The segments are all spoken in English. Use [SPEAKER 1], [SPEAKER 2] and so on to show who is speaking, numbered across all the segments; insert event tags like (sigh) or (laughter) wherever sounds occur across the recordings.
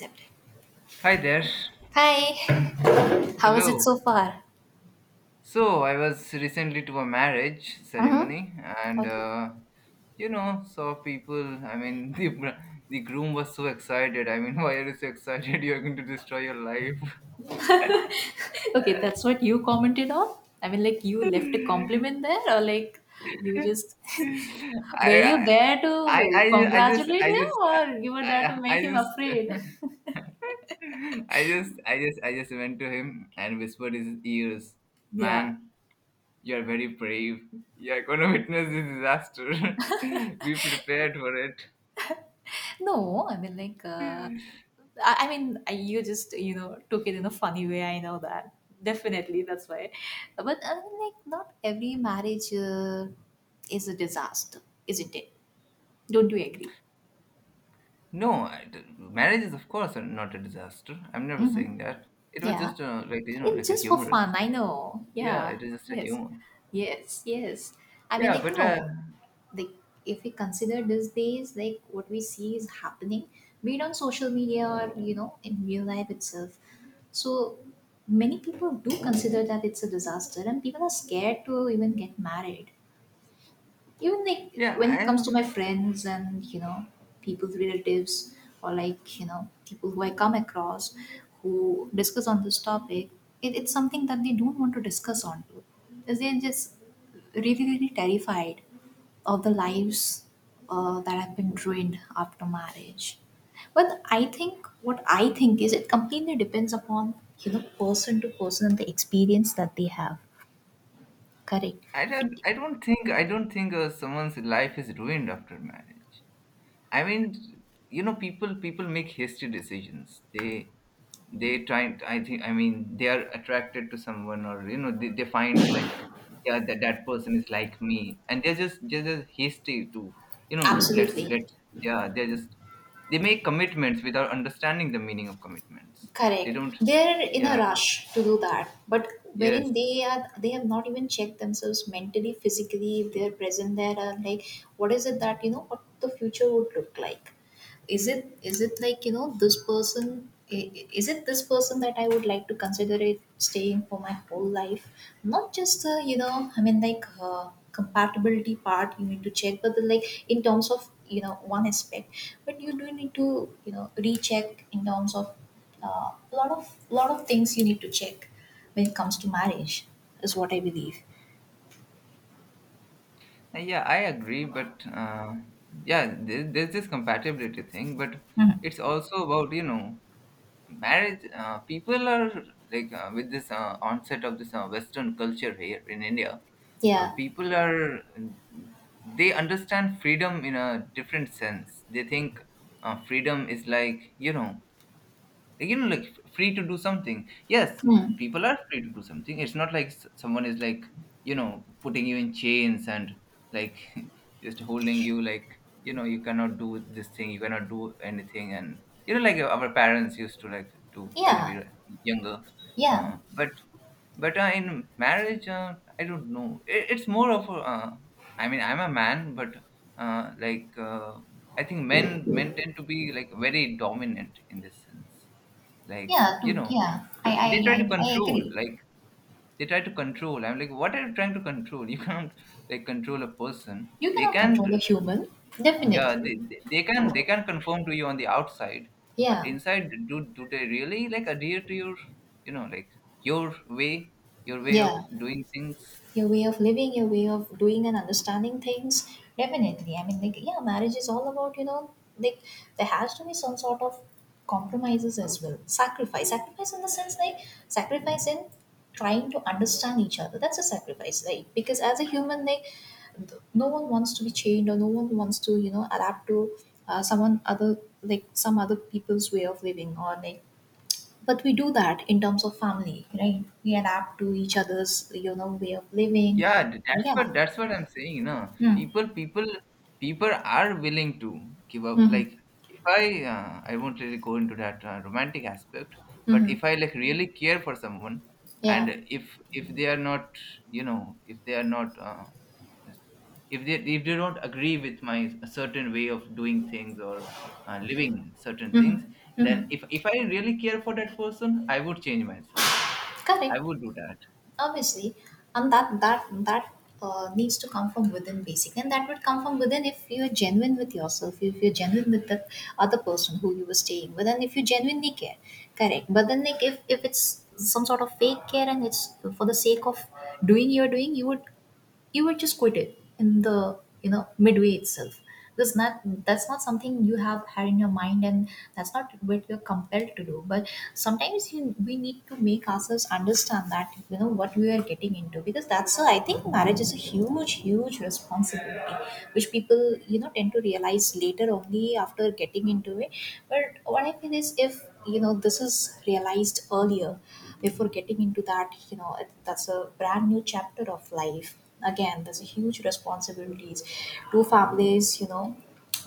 [SPEAKER 1] Accept it.
[SPEAKER 2] Hi there.
[SPEAKER 1] Hi, how is it
[SPEAKER 2] Hello.
[SPEAKER 1] so far?
[SPEAKER 2] So I was recently to a marriage
[SPEAKER 1] Mm-hmm.
[SPEAKER 2] ceremony, and
[SPEAKER 1] Okay.
[SPEAKER 2] uh, saw people. I mean, (laughs) the br- the groom was so excited. (laughs) Why are you so excited? You are going to destroy your life.
[SPEAKER 1] Okay, that's what you commented on. I mean, like, you
[SPEAKER 2] (laughs)
[SPEAKER 1] left a compliment there, or, like, you just, (laughs) were you
[SPEAKER 2] I,
[SPEAKER 1] there
[SPEAKER 2] I
[SPEAKER 1] to
[SPEAKER 2] I just
[SPEAKER 1] congratulate
[SPEAKER 2] I
[SPEAKER 1] him,
[SPEAKER 2] just
[SPEAKER 1] or you were there to
[SPEAKER 2] I
[SPEAKER 1] make him
[SPEAKER 2] just
[SPEAKER 1] afraid?
[SPEAKER 2] (laughs) I just went to him and whispered his ears,
[SPEAKER 1] Yeah.
[SPEAKER 2] man. You are very brave. You are going to (laughs) witness this disaster. (laughs) Be prepared for it.
[SPEAKER 1] No, I mean, like, I mean, you just, you know, took it in a funny way. I know that. Definitely, that's why. But, I mean, like, not every marriage is a disaster, isn't it? Don't you agree?
[SPEAKER 2] No, I d marriage is of course not a disaster. I'm never
[SPEAKER 1] Mm-hmm.
[SPEAKER 2] saying that. It was
[SPEAKER 1] Yeah.
[SPEAKER 2] just like you know,
[SPEAKER 1] It's
[SPEAKER 2] like a
[SPEAKER 1] just for fun,
[SPEAKER 2] humorous.
[SPEAKER 1] I know.
[SPEAKER 2] Yeah,
[SPEAKER 1] Yeah.
[SPEAKER 2] it was just a
[SPEAKER 1] Yes.
[SPEAKER 2] humor.
[SPEAKER 1] Yes. Yes. I mean,
[SPEAKER 2] Yeah,
[SPEAKER 1] like,
[SPEAKER 2] but uh,
[SPEAKER 1] no, like, if we consider these days, like, what we see is happening, be it on social media or, you know, in real life itself. So, many people do consider that it's a disaster, and people are scared to even get married. Even, like,
[SPEAKER 2] yeah,
[SPEAKER 1] when
[SPEAKER 2] I
[SPEAKER 1] it comes
[SPEAKER 2] have,
[SPEAKER 1] to my friends, and, you know, people's relatives, or, like, you know, people who I come across, who discuss on this topic. It's something that they don't want to discuss on to, because they're just really, really terrified of the lives that have been ruined after marriage. But I think, what I think is, it completely depends upon, you know, person to person, and the experience that they have. Correct. it,
[SPEAKER 2] I don't think someone's life is ruined after marriage. I mean, you know, people make hasty decisions. They try. I mean, they are attracted to someone, or you know, they find like, yeah, that that person is like me, and they're just hasty to, you know, let's
[SPEAKER 1] Absolutely.
[SPEAKER 2] let's yeah, they're just, they make commitments without understanding the meaning of commitments. they
[SPEAKER 1] Correct.
[SPEAKER 2] don't
[SPEAKER 1] They're in a
[SPEAKER 2] Yeah.
[SPEAKER 1] rush to do that, but wherein
[SPEAKER 2] Yes.
[SPEAKER 1] they are, they have not even checked themselves mentally, physically. If they're present there, and, like, what is it that, you know, what the future would look like? Is it like, you know, this person, is it this person that I would like to consider it staying for my whole life? Not just the, you know, I mean, like, compatibility part you need to check, but like, in terms of, you know, one aspect. But you do need to, you know, recheck in terms of a lot of things you need to check when it comes to marriage, is what I believe.
[SPEAKER 2] Yeah, I agree, but yeah there, there's this compatibility thing, but
[SPEAKER 1] Mhm.
[SPEAKER 2] it's also about, you know, marriage, people are, with this onset of this western culture here in India.
[SPEAKER 1] Yeah.
[SPEAKER 2] People are, they understand freedom in a different sense. They think freedom is like, you know, like, you know, like free to do something. Yes,
[SPEAKER 1] Hmm.
[SPEAKER 2] people are free to do something. It's not like someone is like, you know, putting you in chains and, like, (laughs) just holding you, like, you know, you cannot do this thing, you cannot do anything, and you know, like our parents used to like do when we
[SPEAKER 1] Yeah.
[SPEAKER 2] were younger.
[SPEAKER 1] Yeah.
[SPEAKER 2] But in marriage, I don't know, it's more of a, I mean, I'm a man, but uh, like uh, I think men tend to be like very dominant in this sense, like,
[SPEAKER 1] Yeah
[SPEAKER 2] you know.
[SPEAKER 1] yeah,
[SPEAKER 2] They try to
[SPEAKER 1] i I
[SPEAKER 2] control,
[SPEAKER 1] agree.
[SPEAKER 2] like, they try to control. I'm like, what are you trying to control? (laughs) You can't like control a person.
[SPEAKER 1] You
[SPEAKER 2] They
[SPEAKER 1] cannot
[SPEAKER 2] can't.
[SPEAKER 1] control a human,
[SPEAKER 2] Yeah.
[SPEAKER 1] definitely.
[SPEAKER 2] They can, they can conform to you on the outside, but
[SPEAKER 1] Yeah,
[SPEAKER 2] inside, do they really like adhere to your, you know, like, your way, your way of
[SPEAKER 1] yeah.
[SPEAKER 2] doing things?
[SPEAKER 1] Your way of living, your way of doing and understanding things, definitely. I mean, like, yeah, marriage is all about, you know, like, there has to be some sort of compromises as well. Sacrifice. Sacrifice in the sense, like, sacrifice in trying to understand each other. That's a sacrifice, like, because as a human, like, no one wants to be chained, or no one wants to, you know, adapt to someone other, like some other people's way of living, or like, but we do that in terms of family, right? We adapt to each other's, you know, way of living.
[SPEAKER 2] That's
[SPEAKER 1] Yeah.
[SPEAKER 2] what, that's what I'm saying. No,
[SPEAKER 1] Mm.
[SPEAKER 2] people, people are willing to give up,
[SPEAKER 1] Hmm.
[SPEAKER 2] like, if I, I won't really go into that romantic aspect, but
[SPEAKER 1] Hmm.
[SPEAKER 2] if I like really care for someone, and
[SPEAKER 1] Yeah.
[SPEAKER 2] if if they are not, you know, if they are not s- if they, don't agree with my certain way of doing things, or living certain
[SPEAKER 1] Hmm.
[SPEAKER 2] things,
[SPEAKER 1] Hmm.
[SPEAKER 2] then if I really care for that person, I would change myself. I
[SPEAKER 1] Correct.
[SPEAKER 2] would do that.
[SPEAKER 1] Obviously. And that needs to come from within, basic, and that would come from within if you're genuine with yourself, if you're genuine with the other person who you were staying with, and if you genuinely care. Correct. But then, like, if it's some sort of fake care, and it's for the sake of doing your doing, you were just quitted in the, midway itself, because not — that's not something you have had in your mind, and that's not what you're compelled to do. But sometimes we need to make ourselves understand, that you know, what we are getting into, because I think marriage is a huge, huge responsibility, which people, you know, tend to realize later, only after getting into it. But what I feel is, if, you know, this is realized earlier, before getting into that, you know, that's a brand new chapter of life. Again, there's a huge responsibilities, two families, you know,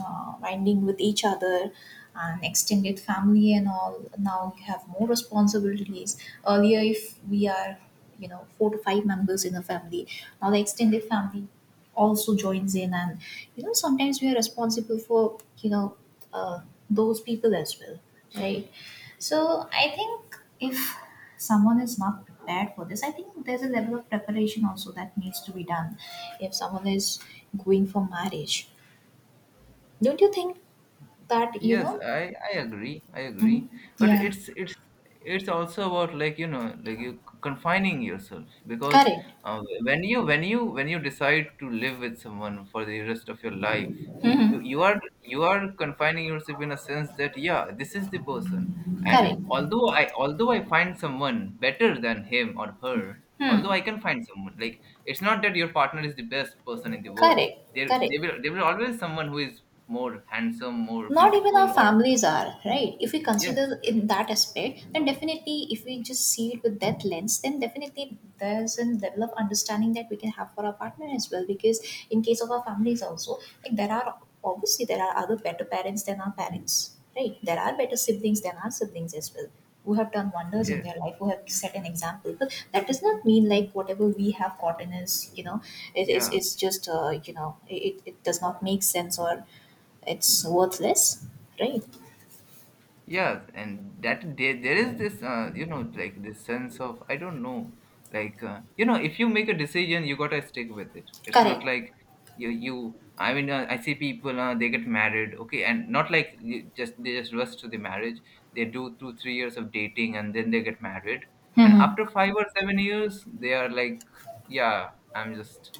[SPEAKER 1] winding with each other, and extended family and all. Now you have more responsibilities. Earlier, if we are, you know, four to five members in a family, now the extended family also joins in, and, you know, sometimes we are responsible for, you know, uh, those people as well, right? So I think, if someone is not prepared for this, I think there's a level of preparation also that needs to be done if someone is going for marriage. Don't you think that, you
[SPEAKER 2] Yes,
[SPEAKER 1] know?
[SPEAKER 2] I agree. I
[SPEAKER 1] Hmm.
[SPEAKER 2] agree. But
[SPEAKER 1] Yeah.
[SPEAKER 2] it's also about, like, you know, like, you confining yourself. Because
[SPEAKER 1] Correct.
[SPEAKER 2] when you, when you decide to live with someone for the rest of your life,
[SPEAKER 1] Hmm.
[SPEAKER 2] you are, you are confining yourself in a sense that, yeah, this is the person. And
[SPEAKER 1] Correct.
[SPEAKER 2] although I find someone better than him or her, although
[SPEAKER 1] Hmm.
[SPEAKER 2] I can find someone like, it's not that your partner is the best person in the world.
[SPEAKER 1] Correct. Correct.
[SPEAKER 2] There will, there will always someone who is more handsome, more
[SPEAKER 1] Not even our
[SPEAKER 2] beautiful, or
[SPEAKER 1] families are right, if we consider
[SPEAKER 2] yes,
[SPEAKER 1] in that aspect. Then definitely, if we just see it with that lens, then definitely there's a level of understanding that we can have for our partner as well. Because in case of our families also, like, there are, obviously, there are other better parents than our parents, right? There are better siblings than our siblings as well, who have done wonders in
[SPEAKER 2] yes,
[SPEAKER 1] their life, who have set an example, but that does not mean, like, whatever we have gotten is, you know,
[SPEAKER 2] yeah,
[SPEAKER 1] it's just, you know, it does not make sense, or it's worthless, right?
[SPEAKER 2] yeah, and that, there is this, you know, like this sense of, I don't know, like, you know, if you make a decision, you gotta stick with it. It's
[SPEAKER 1] Correct.
[SPEAKER 2] not like you, you. I mean, I see people, they get married, okay, and not like you just they just rush to the marriage. They do two, 3 years of dating, and then they get married, and
[SPEAKER 1] Hmm.
[SPEAKER 2] after 5 or 7 years, they are like, yeah, I'm just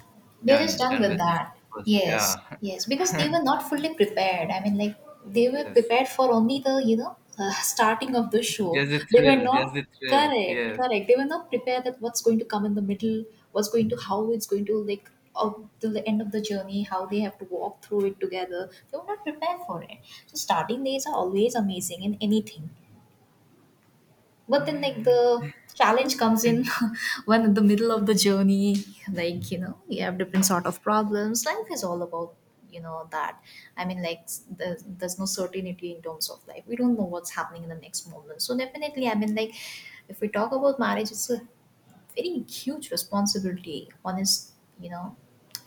[SPEAKER 1] They're just done
[SPEAKER 2] done
[SPEAKER 1] with
[SPEAKER 2] with this
[SPEAKER 1] that.
[SPEAKER 2] person.
[SPEAKER 1] Yes,
[SPEAKER 2] Yeah. (laughs)
[SPEAKER 1] yes, because they
[SPEAKER 2] And
[SPEAKER 1] were not fully prepared. I mean, like, they were
[SPEAKER 2] yes,
[SPEAKER 1] prepared for only the, you know, (laughs) starting of the show. They were
[SPEAKER 2] just
[SPEAKER 1] not.
[SPEAKER 2] the thrill.
[SPEAKER 1] Correct,
[SPEAKER 2] Yes.
[SPEAKER 1] correct. They were not prepared that what's going to come in the middle, what's going to, how it's going to, like, out till the end of the journey, how they have to walk through it together. They were not prepared for it. So starting days are always amazing in anything. But then, like, the challenge comes in (laughs) when in the middle of the journey, like, you know, you have different sort of problems. Life is all about, you know, that. I mean, like, there's no certainty in terms of life. We don't know what's happening in the next moment. So, definitely, I mean, like, if we talk about marriage, it's a very huge responsibility. One is, you know,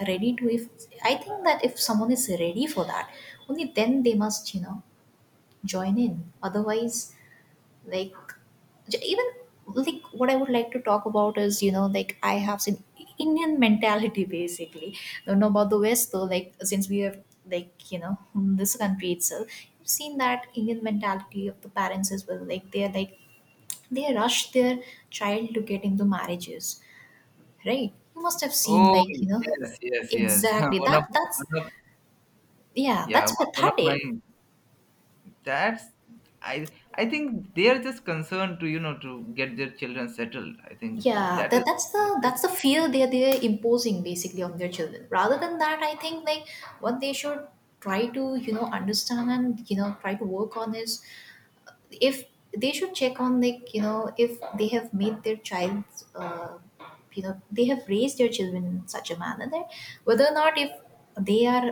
[SPEAKER 1] ready to, if I think that, if someone is ready for that, only then they must, you know, join in. Otherwise, like, even, like, what I would like to talk about is, you know, like, I have seen Indian mentality, basically. Don't know about the west though, like, since we have, like, you know, this country itself. You've seen that Indian mentality of the parents as well. Like, they're like, they rush their child to get into marriages, right? You must have seen,
[SPEAKER 2] Oh
[SPEAKER 1] like, you know.
[SPEAKER 2] yes, yes. (laughs)
[SPEAKER 1] Exactly,
[SPEAKER 2] One of
[SPEAKER 1] that's
[SPEAKER 2] one of
[SPEAKER 1] yeah,
[SPEAKER 2] yeah,
[SPEAKER 1] that's
[SPEAKER 2] one of my
[SPEAKER 1] pathetic.
[SPEAKER 2] dads. I think they are just concerned to, you know, to get their children settled. I think
[SPEAKER 1] Yeah,
[SPEAKER 2] that is
[SPEAKER 1] that, that's
[SPEAKER 2] that
[SPEAKER 1] the
[SPEAKER 2] is
[SPEAKER 1] that's the fear they're imposing basically on their children, rather than that. I think, like, what they should try to, you know, understand and, you know, try to work on is, if they should check on, like, you know, if they have made their child, uh, you know, they have raised their children in such a manner that, whether or not, if they are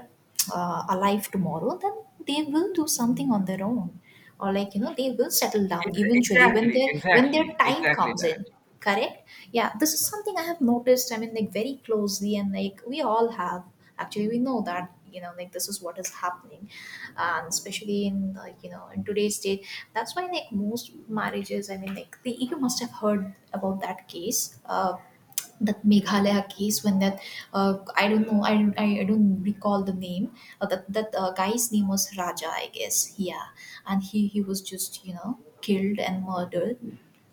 [SPEAKER 1] alive tomorrow, then they will do something on their own, or, like, you know, they will settle down
[SPEAKER 2] ex-
[SPEAKER 1] eventually when
[SPEAKER 2] exactly
[SPEAKER 1] their
[SPEAKER 2] exactly
[SPEAKER 1] time
[SPEAKER 2] exactly
[SPEAKER 1] comes
[SPEAKER 2] that.
[SPEAKER 1] in. Correct. Yeah, this is something I have noticed, I mean, like, very closely, and like we all have, actually. We know that, you know, like, this is what is happening. And especially in, like, you know, in today's day, that's why, like, most marriages, I mean, like, you must have heard about that case, that Meghalaya case, when that I don't know, I don't recall the name, that guy's name was Raja, I guess. Yeah. And he was just, you know, killed and murdered,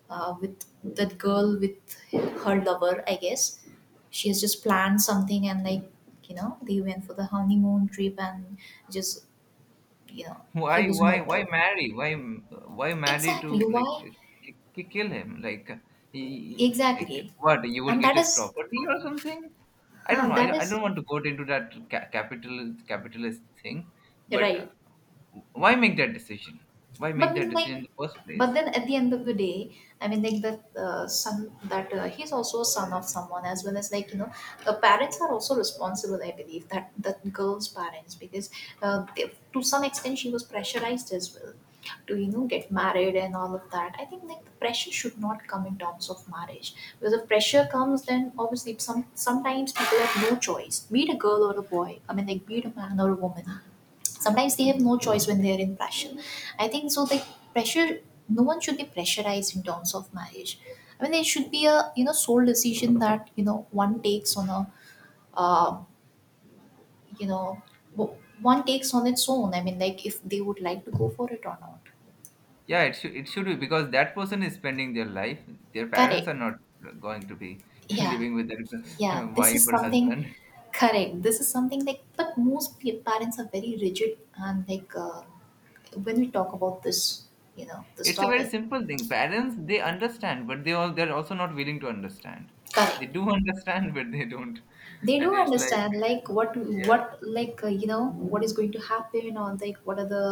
[SPEAKER 1] with that girl, with her lover, I guess. She has just planned something, and, like, you know, they went for the honeymoon trip, and just, you know, he was no
[SPEAKER 2] Why
[SPEAKER 1] more.
[SPEAKER 2] marry? Why marry to
[SPEAKER 1] Exactly.
[SPEAKER 2] like
[SPEAKER 1] Why?
[SPEAKER 2] kill him? Like he, like
[SPEAKER 1] Exactly.
[SPEAKER 2] what you would
[SPEAKER 1] And
[SPEAKER 2] get,
[SPEAKER 1] that
[SPEAKER 2] his
[SPEAKER 1] is,
[SPEAKER 2] property or something? I don't know.
[SPEAKER 1] that
[SPEAKER 2] I
[SPEAKER 1] is,
[SPEAKER 2] don't want to go into that capitalist thing, but
[SPEAKER 1] right.
[SPEAKER 2] why make that decision? Why
[SPEAKER 1] But
[SPEAKER 2] make that
[SPEAKER 1] then, like,
[SPEAKER 2] decision in the first
[SPEAKER 1] but
[SPEAKER 2] place?
[SPEAKER 1] then at the end of the day, I mean, like, that son, that he's also a son of someone, as well, as, like, you know, the parents are also responsible. I believe that that girl's parents, because, to some extent, she was pressurized as well to, you know, get married and all of that. I think, like, the pressure should not come in terms of marriage, because if pressure comes, then obviously sometimes people have no choice. Be it a girl or a boy. I mean, like, be it a man or a woman, sometimes they have no choice when they are in pressure. I think so. The pressure. No one should be pressurized in terms of marriage. I mean, there should be a, you know, sole decision that, you know, one takes on a, uh, you know w- one takes on its own. I mean, like, if they would like to go for it or not.
[SPEAKER 2] Yeah, it should be, because that person is spending their life. Their parents are
[SPEAKER 1] Correct.
[SPEAKER 2] not going to be (laughs)
[SPEAKER 1] Yeah,
[SPEAKER 2] living with their (laughs)
[SPEAKER 1] yeah, this
[SPEAKER 2] wife
[SPEAKER 1] is
[SPEAKER 2] or
[SPEAKER 1] something.
[SPEAKER 2] husband.
[SPEAKER 1] Correct, this is something, like, but most parents are very rigid, and like, when we talk about this, you know, this
[SPEAKER 2] It's a very
[SPEAKER 1] topic.
[SPEAKER 2] simple thing. Parents, they understand, but they're also not willing to understand. They
[SPEAKER 1] Correct,
[SPEAKER 2] do (laughs) understand, but they don't.
[SPEAKER 1] they do
[SPEAKER 2] And it's like,
[SPEAKER 1] understand. Like, what?
[SPEAKER 2] yeah,
[SPEAKER 1] Like, you know, what is going to happen, or like, what are the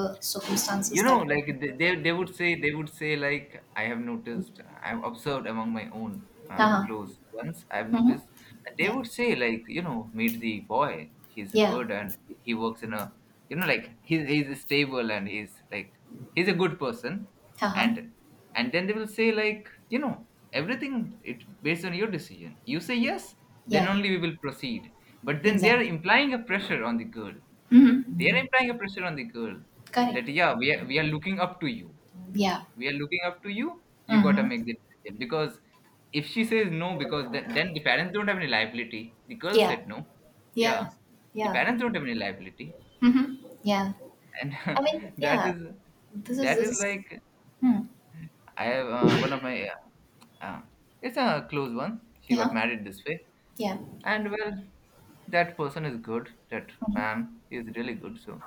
[SPEAKER 2] you
[SPEAKER 1] circumstances
[SPEAKER 2] know,
[SPEAKER 1] that could...
[SPEAKER 2] like they would say, they would say, like, I have noticed, I've observed among my own
[SPEAKER 1] Uh-huh.
[SPEAKER 2] close ones, I've
[SPEAKER 1] Mm-hmm.
[SPEAKER 2] noticed. And they
[SPEAKER 1] Yeah,
[SPEAKER 2] would say, like, you know, meet the boy, he's
[SPEAKER 1] yeah.
[SPEAKER 2] good, and he works in a, you know, like, he's stable, and he's a good person.
[SPEAKER 1] Uh-huh.
[SPEAKER 2] And and then they will say, like, you know, everything, it based on your decision, you say yes, then
[SPEAKER 1] Yeah,
[SPEAKER 2] only we will proceed. But then they're
[SPEAKER 1] exactly.
[SPEAKER 2] implying a pressure on the girl, they are
[SPEAKER 1] Mm-hmm.
[SPEAKER 2] implying a pressure on the girl,
[SPEAKER 1] Correct.
[SPEAKER 2] that, yeah, we are looking up to you.
[SPEAKER 1] Yeah,
[SPEAKER 2] We are looking up to you. You gotta make the decision, because if she says no, because then the parents don't have any liability. The girl
[SPEAKER 1] yeah,
[SPEAKER 2] said no.
[SPEAKER 1] yeah,
[SPEAKER 2] Yeah, the
[SPEAKER 1] yeah.
[SPEAKER 2] parents don't have any liability,
[SPEAKER 1] Mm-hmm. Yeah,
[SPEAKER 2] and
[SPEAKER 1] I mean,
[SPEAKER 2] (laughs) that
[SPEAKER 1] yeah,
[SPEAKER 2] is
[SPEAKER 1] this is,
[SPEAKER 2] that
[SPEAKER 1] this
[SPEAKER 2] is
[SPEAKER 1] is,
[SPEAKER 2] like,
[SPEAKER 1] hmm.
[SPEAKER 2] I have one of my, uh, it's a close one. She got
[SPEAKER 1] Yeah,
[SPEAKER 2] married this way,
[SPEAKER 1] yeah.
[SPEAKER 2] and well, that person is good. That
[SPEAKER 1] Hmm.
[SPEAKER 2] man is really good. So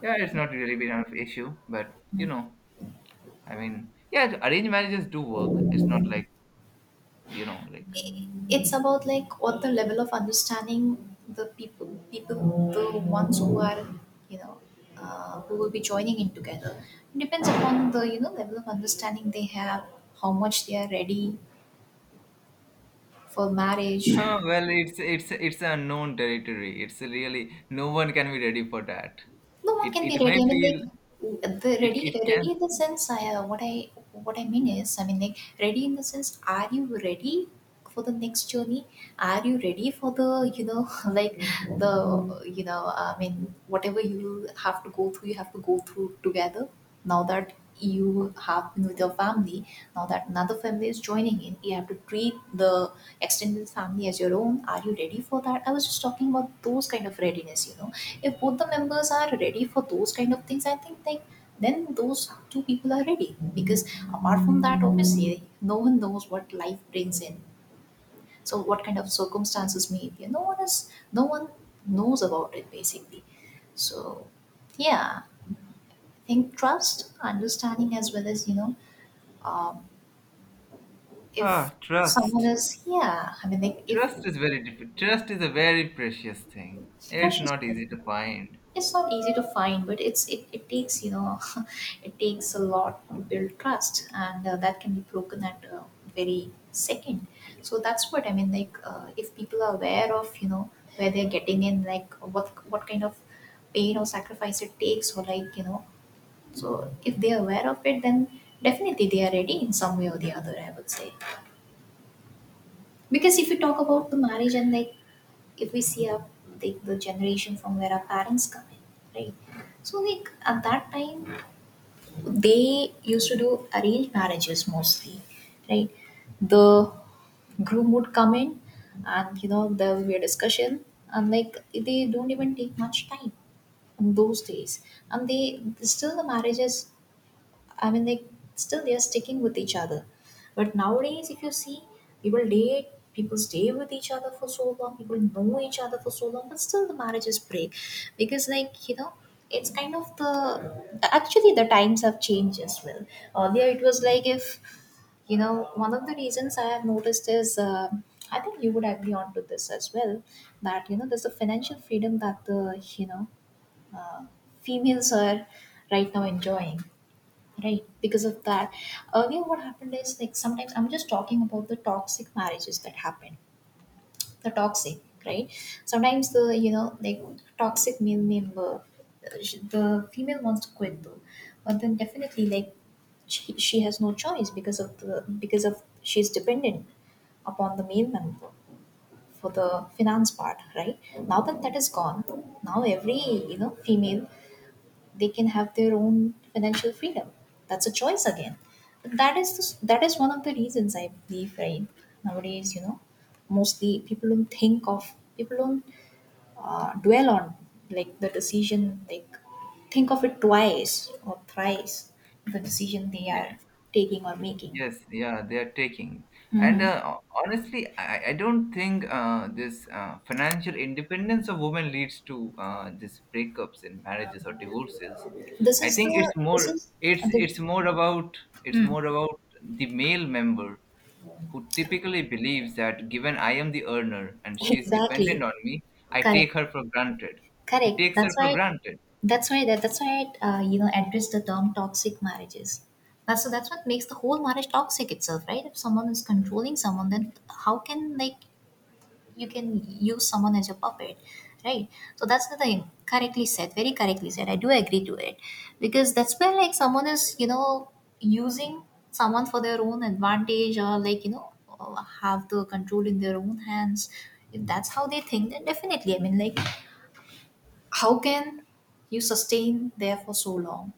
[SPEAKER 2] yeah, it's not really been an issue, but you know, I mean, yeah, arranged marriages do work. It's not like, you know, like, (laughs)
[SPEAKER 1] i- it's about, like, what the level of understanding, the people, the ones who are, you know, who will be joining in together. It depends upon the, you know, level of understanding they have, how much they are ready for marriage.
[SPEAKER 2] huh, well, it's a unknown territory. It's really no one can be ready for that.
[SPEAKER 1] No one
[SPEAKER 2] It
[SPEAKER 1] can be
[SPEAKER 2] it may
[SPEAKER 1] ready. I mean,
[SPEAKER 2] feel
[SPEAKER 1] like, the
[SPEAKER 2] it
[SPEAKER 1] ready,
[SPEAKER 2] it can.
[SPEAKER 1] ready in the sense. I What I mean is, I mean, like, ready in the sense. Are you ready for the next journey? Are you ready for the, you know, (laughs) like, the, you know, I mean, whatever you have to go through, you have to go through together. Now that you have been with your family, now that another family is joining in, you have to treat the extended family as your own. Are you ready for that? I was just talking about those kind of readiness, you know, if both the members are ready for those kind of things, I think like, then those two people are ready, because apart from that, obviously no one knows what life brings in. So what kind of circumstances may appear, no one knows about it, basically. So, yeah, I think trust, understanding, as well as, you know, um, if
[SPEAKER 2] Ah,
[SPEAKER 1] someone
[SPEAKER 2] trust.
[SPEAKER 1] is, yeah, I mean, like, if
[SPEAKER 2] Trust is a very precious thing. It's
[SPEAKER 1] precious.
[SPEAKER 2] not easy to find.
[SPEAKER 1] It's not easy to find, but it takes, you know, it takes a lot to build trust, and that can be broken at a very second. So that's what I mean, like, if people are aware of, you know, where they're getting in, like, what kind of pain or sacrifice it takes, or like, you know, so if they're aware of it, then definitely they are ready in some way or the other, I would say. Because if we talk
[SPEAKER 2] So,
[SPEAKER 1] about the marriage, and like, if we see our, the generation from where our parents come in, right? So like, at that time, they used to do arranged marriages mostly, right? The groom would come in, and, you know, there will be a discussion, and like, they don't even take much time in those days, and they still the marriages, I mean, they are sticking with each other. But nowadays, if you see, people date, people stay with each other for so long, people know each other for so long, but still the marriages break because, like, you know, it's kind of the actually the times have changed as well. Earlier, it was like, if you know, one of the reasons I have noticed is, I think you would agree on to this as well, that, you know, there's a financial freedom that the, you know, uh, females are right now enjoying, right? Because of that, earlier what happened is, like, sometimes, I'm just talking about the toxic marriages that happen, the toxic, right? Sometimes the, you know, like, toxic male member, the female wants to quit though, but then definitely like, she has no choice, because of the, because of she's dependent upon the male member for the finance part, right? Now that that is gone, now every, you know, female, they can have their own financial freedom. That's a choice again. But that is one of the reasons I believe, right? Nowadays, you know, mostly people don't dwell on, like, the decision, like, think of it twice or thrice, the decision they
[SPEAKER 2] yeah.
[SPEAKER 1] are taking or making.
[SPEAKER 2] Yes, yeah, they are taking. And honestly, I don't think this financial independence of women leads to this breakups in marriages or divorces.
[SPEAKER 1] this
[SPEAKER 2] I
[SPEAKER 1] is
[SPEAKER 2] think
[SPEAKER 1] the this is the
[SPEAKER 2] it's more about the male member who typically believes that, given I am the earner and
[SPEAKER 1] (laughs)
[SPEAKER 2] she is dependent
[SPEAKER 1] exactly.
[SPEAKER 2] on me, I
[SPEAKER 1] Correct.
[SPEAKER 2] take her for granted. He
[SPEAKER 1] Correct.
[SPEAKER 2] takes her
[SPEAKER 1] That's
[SPEAKER 2] for
[SPEAKER 1] why.
[SPEAKER 2] granted,
[SPEAKER 1] That's why. That, that's why. You know, address the term toxic marriages. That's so. That's what makes the whole marriage toxic itself, right? If someone is controlling someone, then how can, like, you can use someone as your puppet, right? So that's the thing. Correctly said. Very correctly said. I do agree to it, because that's where, like, someone is, you know, using someone for their own advantage, or like, you know, have the control in their own hands. If that's how they think, then definitely, I mean, like, how can you sustain there for so long?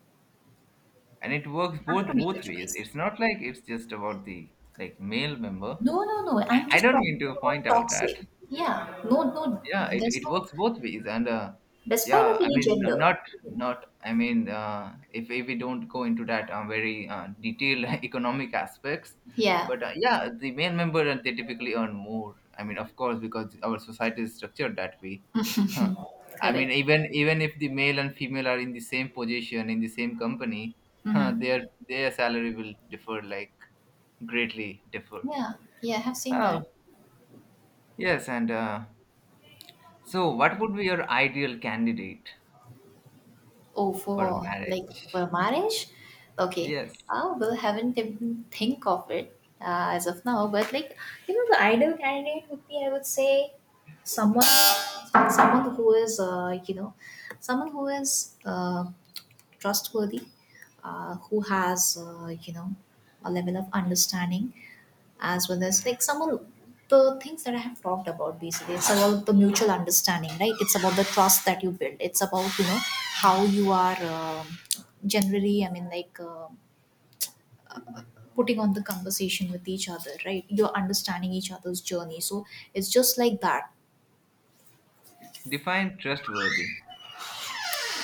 [SPEAKER 2] and it works
[SPEAKER 1] You have to make a
[SPEAKER 2] both ways.
[SPEAKER 1] choice.
[SPEAKER 2] It's not like it's just about the, like, male member.
[SPEAKER 1] No, no, no. I'm
[SPEAKER 2] I
[SPEAKER 1] just
[SPEAKER 2] don't mean
[SPEAKER 1] talking
[SPEAKER 2] to point
[SPEAKER 1] about
[SPEAKER 2] out that.
[SPEAKER 1] toxic. Yeah. No, no.
[SPEAKER 2] Yeah,
[SPEAKER 1] There's
[SPEAKER 2] it
[SPEAKER 1] no,
[SPEAKER 2] works both ways, and
[SPEAKER 1] despite of
[SPEAKER 2] yeah, I
[SPEAKER 1] any
[SPEAKER 2] mean,
[SPEAKER 1] gender.
[SPEAKER 2] not, I mean, if we don't go into that very detailed (laughs) economic aspects,
[SPEAKER 1] Yeah.
[SPEAKER 2] but yeah, the main member, they typically earn more. I mean, of course, because our society is structured that way. Huh. I mean,
[SPEAKER 1] Correct.
[SPEAKER 2] even if the male and female are in the same position in the same company, huh,
[SPEAKER 1] Hmm.
[SPEAKER 2] their salary will differ, like, greatly differ.
[SPEAKER 1] Yeah. Yeah. I have seen
[SPEAKER 2] Oh
[SPEAKER 1] that.
[SPEAKER 2] yes, and. So, what would be your ideal candidate
[SPEAKER 1] Oh,
[SPEAKER 2] for a
[SPEAKER 1] for like
[SPEAKER 2] marriage?
[SPEAKER 1] for marriage? Okay.
[SPEAKER 2] Yes,
[SPEAKER 1] Well, haven't even think of it as of now, but like, you know, the ideal candidate would be, I would say, someone, who is, you know, someone who is trustworthy, who has, you know, a level of understanding, as well as like some of the things that I have talked about, basically. It's about the mutual understanding, right? It's about the trust that you build. It's about, you know, how you are, generally, I mean, like, putting on the conversation with each other, right? You're understanding each other's journey. So it's just like that.
[SPEAKER 2] define trustworthy.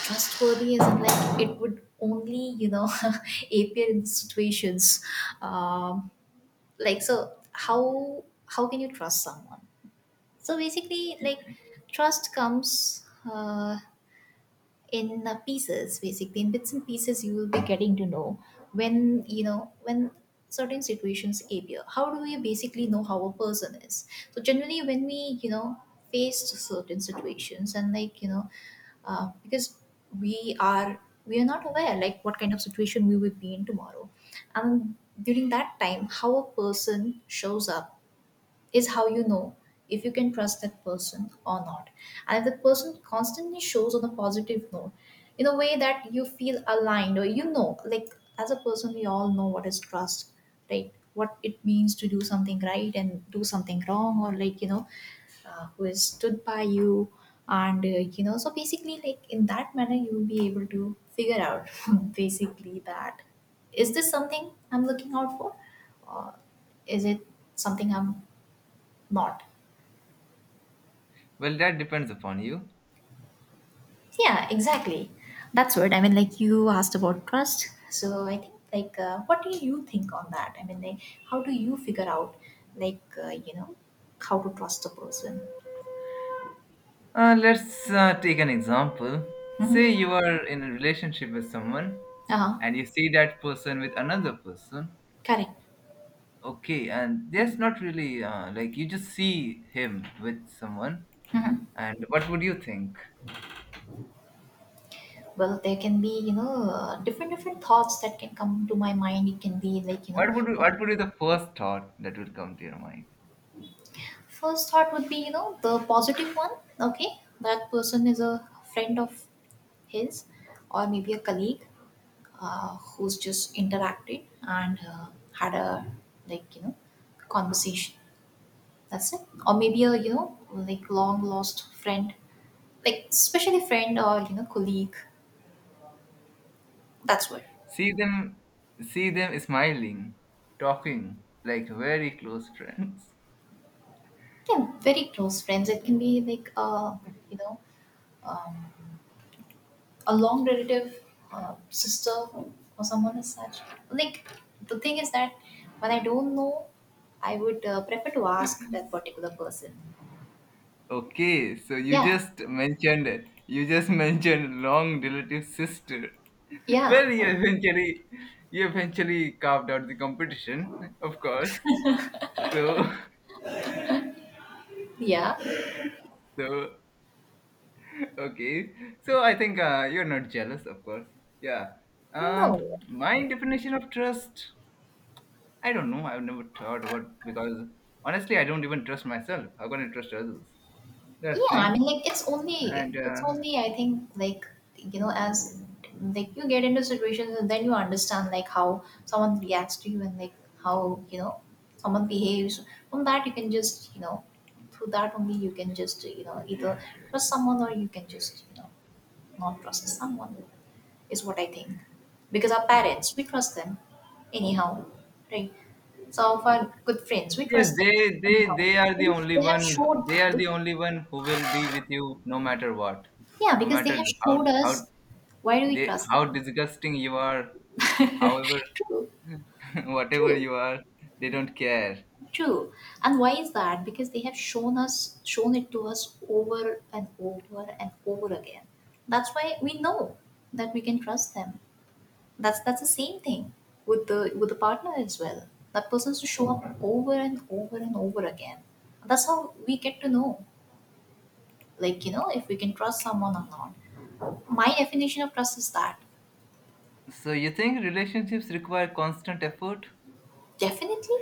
[SPEAKER 1] Trustworthy isn't, like, it would only, you know, (laughs) appear in situations. Um, like, so how can you trust someone? So basically, like, trust comes uh, in, pieces. Basically, in bits and pieces, you will be getting to know when, you know, when certain situations appear. How do we basically know how a person is? So generally, when we, you know, face certain situations, and like, you know, because we are we are not aware, like, what kind of situation we will be in tomorrow, and during that time, how a person shows up is how, you know, if you can trust that person or not. And if the person constantly shows on a positive note, in a way that you feel aligned, or you know, like, as a person, we all know what is trust, right? What it means to do something right and do something wrong, or like, you know, who is stood by you. And, you know, so basically, like, in that manner, you will be able to figure out (laughs) basically, that is this something I'm looking out for? Or is it something I'm not?
[SPEAKER 2] Well, that depends upon you.
[SPEAKER 1] Yeah, exactly. That's what I mean. Like, you asked about trust, so I think like, what do you think on that? I mean, like, how do you figure out, like, you know, how to trust a person?
[SPEAKER 2] Let's take an example. Say
[SPEAKER 1] Mm-hmm.
[SPEAKER 2] you are in a relationship with someone,
[SPEAKER 1] Uh huh.
[SPEAKER 2] and you see that person with another person.
[SPEAKER 1] Correct.
[SPEAKER 2] Okay, and there's not really, like, you just see him with someone.
[SPEAKER 1] Mm-hmm.
[SPEAKER 2] And what would you think?
[SPEAKER 1] Well, there can be, you know, different thoughts that can come to my mind. It can be like, you know,
[SPEAKER 2] What would be the first thought that will come to your mind?
[SPEAKER 1] first thought would be, you know, the positive one. Okay, that person is a friend of his, or maybe a colleague, who's just interacted and, had a, like, you know, conversation, that's it. Or maybe a, you know, like, long lost friend, like, especially friend, or you know, colleague, that's what.
[SPEAKER 2] See them, see them smiling, talking like very close friends.
[SPEAKER 1] Yeah, very close friends. It can be like, you know, um, a long relative, sister, or someone as such. Like, the thing is that when I don't know, I would prefer to ask that particular person.
[SPEAKER 2] Okay, so you
[SPEAKER 1] Yeah,
[SPEAKER 2] just mentioned it. You just mentioned long relative sister.
[SPEAKER 1] yeah,
[SPEAKER 2] Well, you eventually carved out the competition, of course. So,
[SPEAKER 1] yeah.
[SPEAKER 2] (laughs) so, okay. So I think you're not jealous, of course. Yeah.
[SPEAKER 1] No.
[SPEAKER 2] My definition of trust, I don't know. I've never thought about, because honestly, I don't even trust myself. How can I trust others?
[SPEAKER 1] Yeah,
[SPEAKER 2] That
[SPEAKER 1] I
[SPEAKER 2] thing.
[SPEAKER 1] mean, like, it's only
[SPEAKER 2] And
[SPEAKER 1] it's only I think like, you know, as, like, you get into situations, and then you understand like how someone reacts to you, and like, how, you know, someone behaves. From that, you can just, you know, through that only, you can just, you know, either trust someone, or you can just, you know, not trust someone, is what I think. Because our parents, we trust them anyhow, right? Some of our good friends, we
[SPEAKER 2] Yes,
[SPEAKER 1] trust them anyhow.
[SPEAKER 2] they are the only
[SPEAKER 1] They have
[SPEAKER 2] one,
[SPEAKER 1] showed,
[SPEAKER 2] they are
[SPEAKER 1] they...
[SPEAKER 2] the only one who will be with you no matter what,
[SPEAKER 1] Yeah,
[SPEAKER 2] no
[SPEAKER 1] because they
[SPEAKER 2] matter
[SPEAKER 1] have
[SPEAKER 2] how
[SPEAKER 1] showed
[SPEAKER 2] how
[SPEAKER 1] us, why do we
[SPEAKER 2] they,
[SPEAKER 1] trust
[SPEAKER 2] how
[SPEAKER 1] them?
[SPEAKER 2] disgusting you are, however,
[SPEAKER 1] True,
[SPEAKER 2] (laughs) whatever
[SPEAKER 1] true,
[SPEAKER 2] you are, they don't care.
[SPEAKER 1] true. And why is that? Because they have shown us, shown it to us over and over and over again. That's why we know that we can trust them. That's the same thing with the, with the partner as well. That person to show up over and over and over again. That's how we get to know, like, you know, if we can trust someone or not. My definition of trust is that.
[SPEAKER 2] So you think relationships require constant effort?
[SPEAKER 1] Definitely,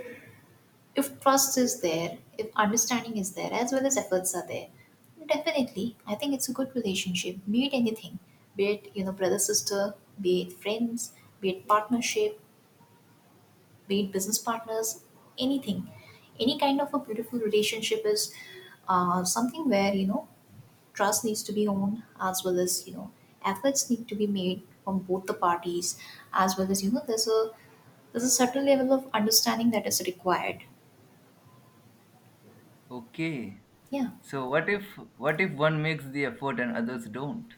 [SPEAKER 1] if trust is there, if understanding is there, as well as efforts are there, definitely, I think it's a good relationship. Be it anything, be it brother sister, be it friends, be it partnership, be it business partners, anything, any kind of a beautiful relationship is something where trust needs to be owned, as well as efforts need to be made from both the parties, as well as there's a certain level of understanding that is required.
[SPEAKER 2] Okay,
[SPEAKER 1] Yeah.
[SPEAKER 2] so what if, what if one makes the effort and others don't?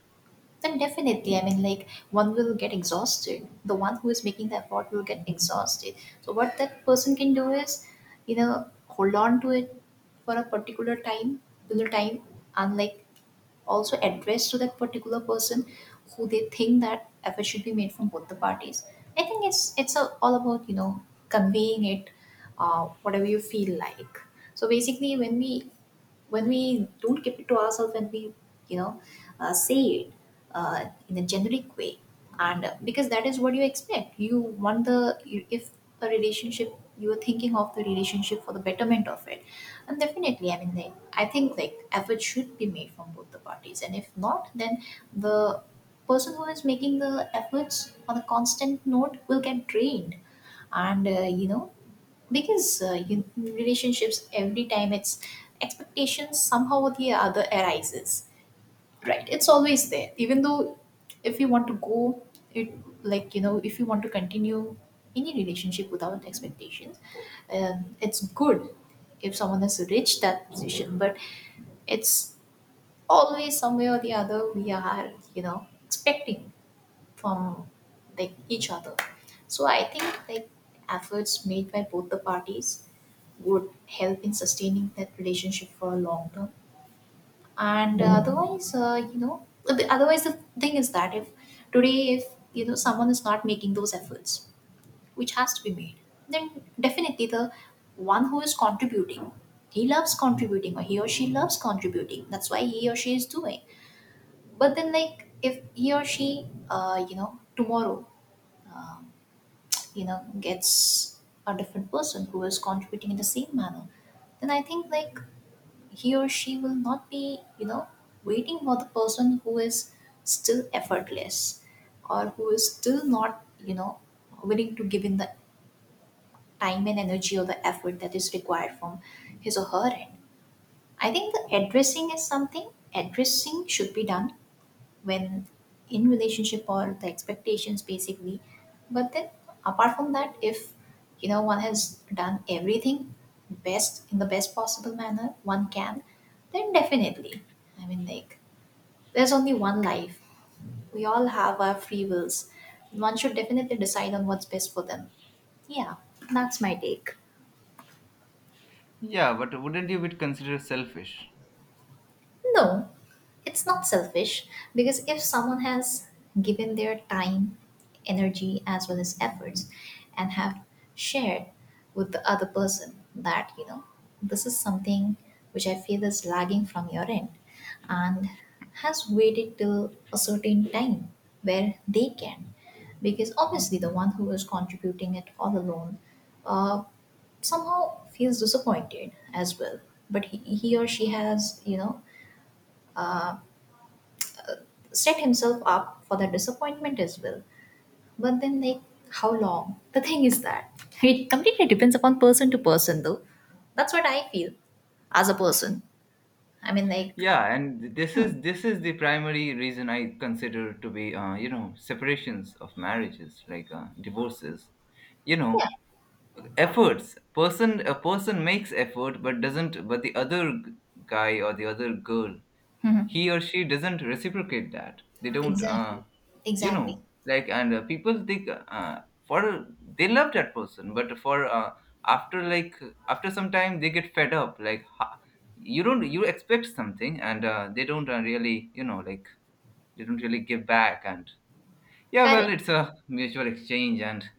[SPEAKER 1] Then definitely, I mean, like one will get exhausted. The one who is making the effort will get exhausted. So what that person can do is, hold on to it for a particular time, and like also address to that particular person who they think that effort should be made from both the parties. I think it's a, all about conveying it, whatever you feel like. So basically, when we don't keep it to ourselves when we you know say it in a generic way and because that is what you expect you want the if a relationship you are thinking of the relationship for the betterment of it. And definitely, I mean like, I think like effort should be made from both the parties, and if not, then the person who is making the efforts on a constant note will get drained. And because you, relationships every time it's expectations somehow or the other arises, right? It's always there. Even though if you want to go it like you know if you want to continue any relationship without expectations, it's good if someone has reached that position, but it's always some way or the other we are expecting from like each other. So I think like efforts made by both the parties would help in sustaining that relationship for a long term. And otherwise, otherwise the thing is that if today if you know someone is not making those efforts which has to be made, then definitely the one who is contributing, he loves contributing, or he or she loves contributing, that's why he or she is doing. But then, like, if he or she tomorrow um, gets a different person who is contributing in the same manner, then I think like he or she will not be you know waiting for the person who is still effortless or who is still not you know willing to give in the time and energy or the effort that is required from his or her end. I think the addressing is something, addressing should be done when in relationship or the expectations basically. But then apart from that, if you know one has done everything best in the best possible manner one can, then definitely, I mean like, there's only one life, we all have our free wills, one should definitely decide on what's best for them. Yeah, that's my take.
[SPEAKER 2] Yeah, but wouldn't you be considered selfish?
[SPEAKER 1] No, it's not selfish, because if someone has given their time, energy, as well as efforts, and have shared with the other person that, you know, this is something which I feel is lagging from your end, and has waited till a certain time where they can. Because obviously, the one who is contributing it all alone uh, somehow feels disappointed as well. But he or she has, you know, uh, set himself up for that disappointment as well. But then, like, how long? The thing is that (laughs) it completely depends upon person to person, though. That's what I feel as a person. I mean, like,
[SPEAKER 2] Yeah, and this is the primary reason I consider to be, you know, separations of marriages, like, divorces, you
[SPEAKER 1] yeah,
[SPEAKER 2] know. Efforts, person a person makes effort, but doesn't, but the other guy or the other girl, he or she doesn't reciprocate that, they don't,
[SPEAKER 1] exactly,
[SPEAKER 2] you
[SPEAKER 1] exactly,
[SPEAKER 2] know, like. And people think, for, they love that person, but for, after like after some time they get fed up, like, you don't, you expect something, and they don't, really, you know, like, they don't really give back, and yeah, well,
[SPEAKER 1] correct.
[SPEAKER 2] it's a mutual exchange, and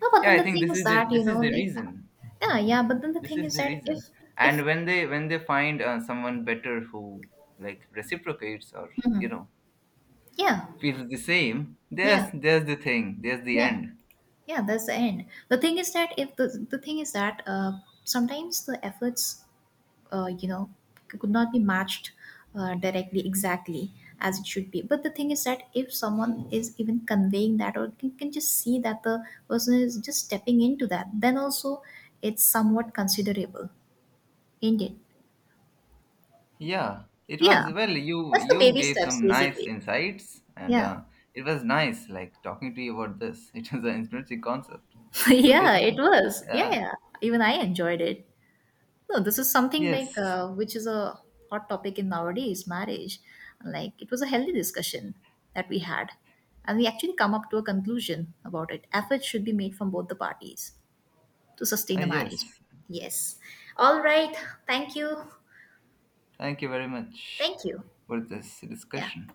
[SPEAKER 1] No, but
[SPEAKER 2] yeah,
[SPEAKER 1] then
[SPEAKER 2] I
[SPEAKER 1] the
[SPEAKER 2] think
[SPEAKER 1] thing is that you
[SPEAKER 2] this
[SPEAKER 1] know,
[SPEAKER 2] is the
[SPEAKER 1] like,
[SPEAKER 2] reason,
[SPEAKER 1] yeah, yeah. But then the
[SPEAKER 2] this
[SPEAKER 1] thing
[SPEAKER 2] is
[SPEAKER 1] is
[SPEAKER 2] the
[SPEAKER 1] that
[SPEAKER 2] reason.
[SPEAKER 1] if,
[SPEAKER 2] And when they, when they find, someone better who like reciprocates, or you know,
[SPEAKER 1] yeah,
[SPEAKER 2] feels the same.
[SPEAKER 1] yeah,
[SPEAKER 2] There's the thing. There's the
[SPEAKER 1] yeah,
[SPEAKER 2] end.
[SPEAKER 1] yeah, that's the end. The thing is that if the thing is that sometimes the efforts uh, you know could not be matched directly exactly as it should be. But the thing is that if someone is even conveying that, or can just see that the person is just stepping into that, then also it's somewhat considerable, ain't it?
[SPEAKER 2] Yeah, it
[SPEAKER 1] Yeah.
[SPEAKER 2] was well. You
[SPEAKER 1] That's the
[SPEAKER 2] you
[SPEAKER 1] baby
[SPEAKER 2] gave
[SPEAKER 1] steps,
[SPEAKER 2] some nice
[SPEAKER 1] basically.
[SPEAKER 2] insights, and
[SPEAKER 1] Yeah.
[SPEAKER 2] uh, it was nice like talking to you about this. (laughs) It was an interesting concept,
[SPEAKER 1] (laughs)
[SPEAKER 2] don't you
[SPEAKER 1] Yeah, it
[SPEAKER 2] think?
[SPEAKER 1] was, yeah,
[SPEAKER 2] Uh,
[SPEAKER 1] yeah. Even I enjoyed it. No, this is something like
[SPEAKER 2] yes,
[SPEAKER 1] which is a hot topic in nowadays marriage. Like it was a healthy discussion that we had, and we actually come up to a conclusion about it. Efforts should be made from both the parties to sustain a marriage.
[SPEAKER 2] yes.
[SPEAKER 1] Yes. All right. Thank you.
[SPEAKER 2] Thank you very much
[SPEAKER 1] Thank you.
[SPEAKER 2] for this
[SPEAKER 1] Yeah.
[SPEAKER 2] discussion.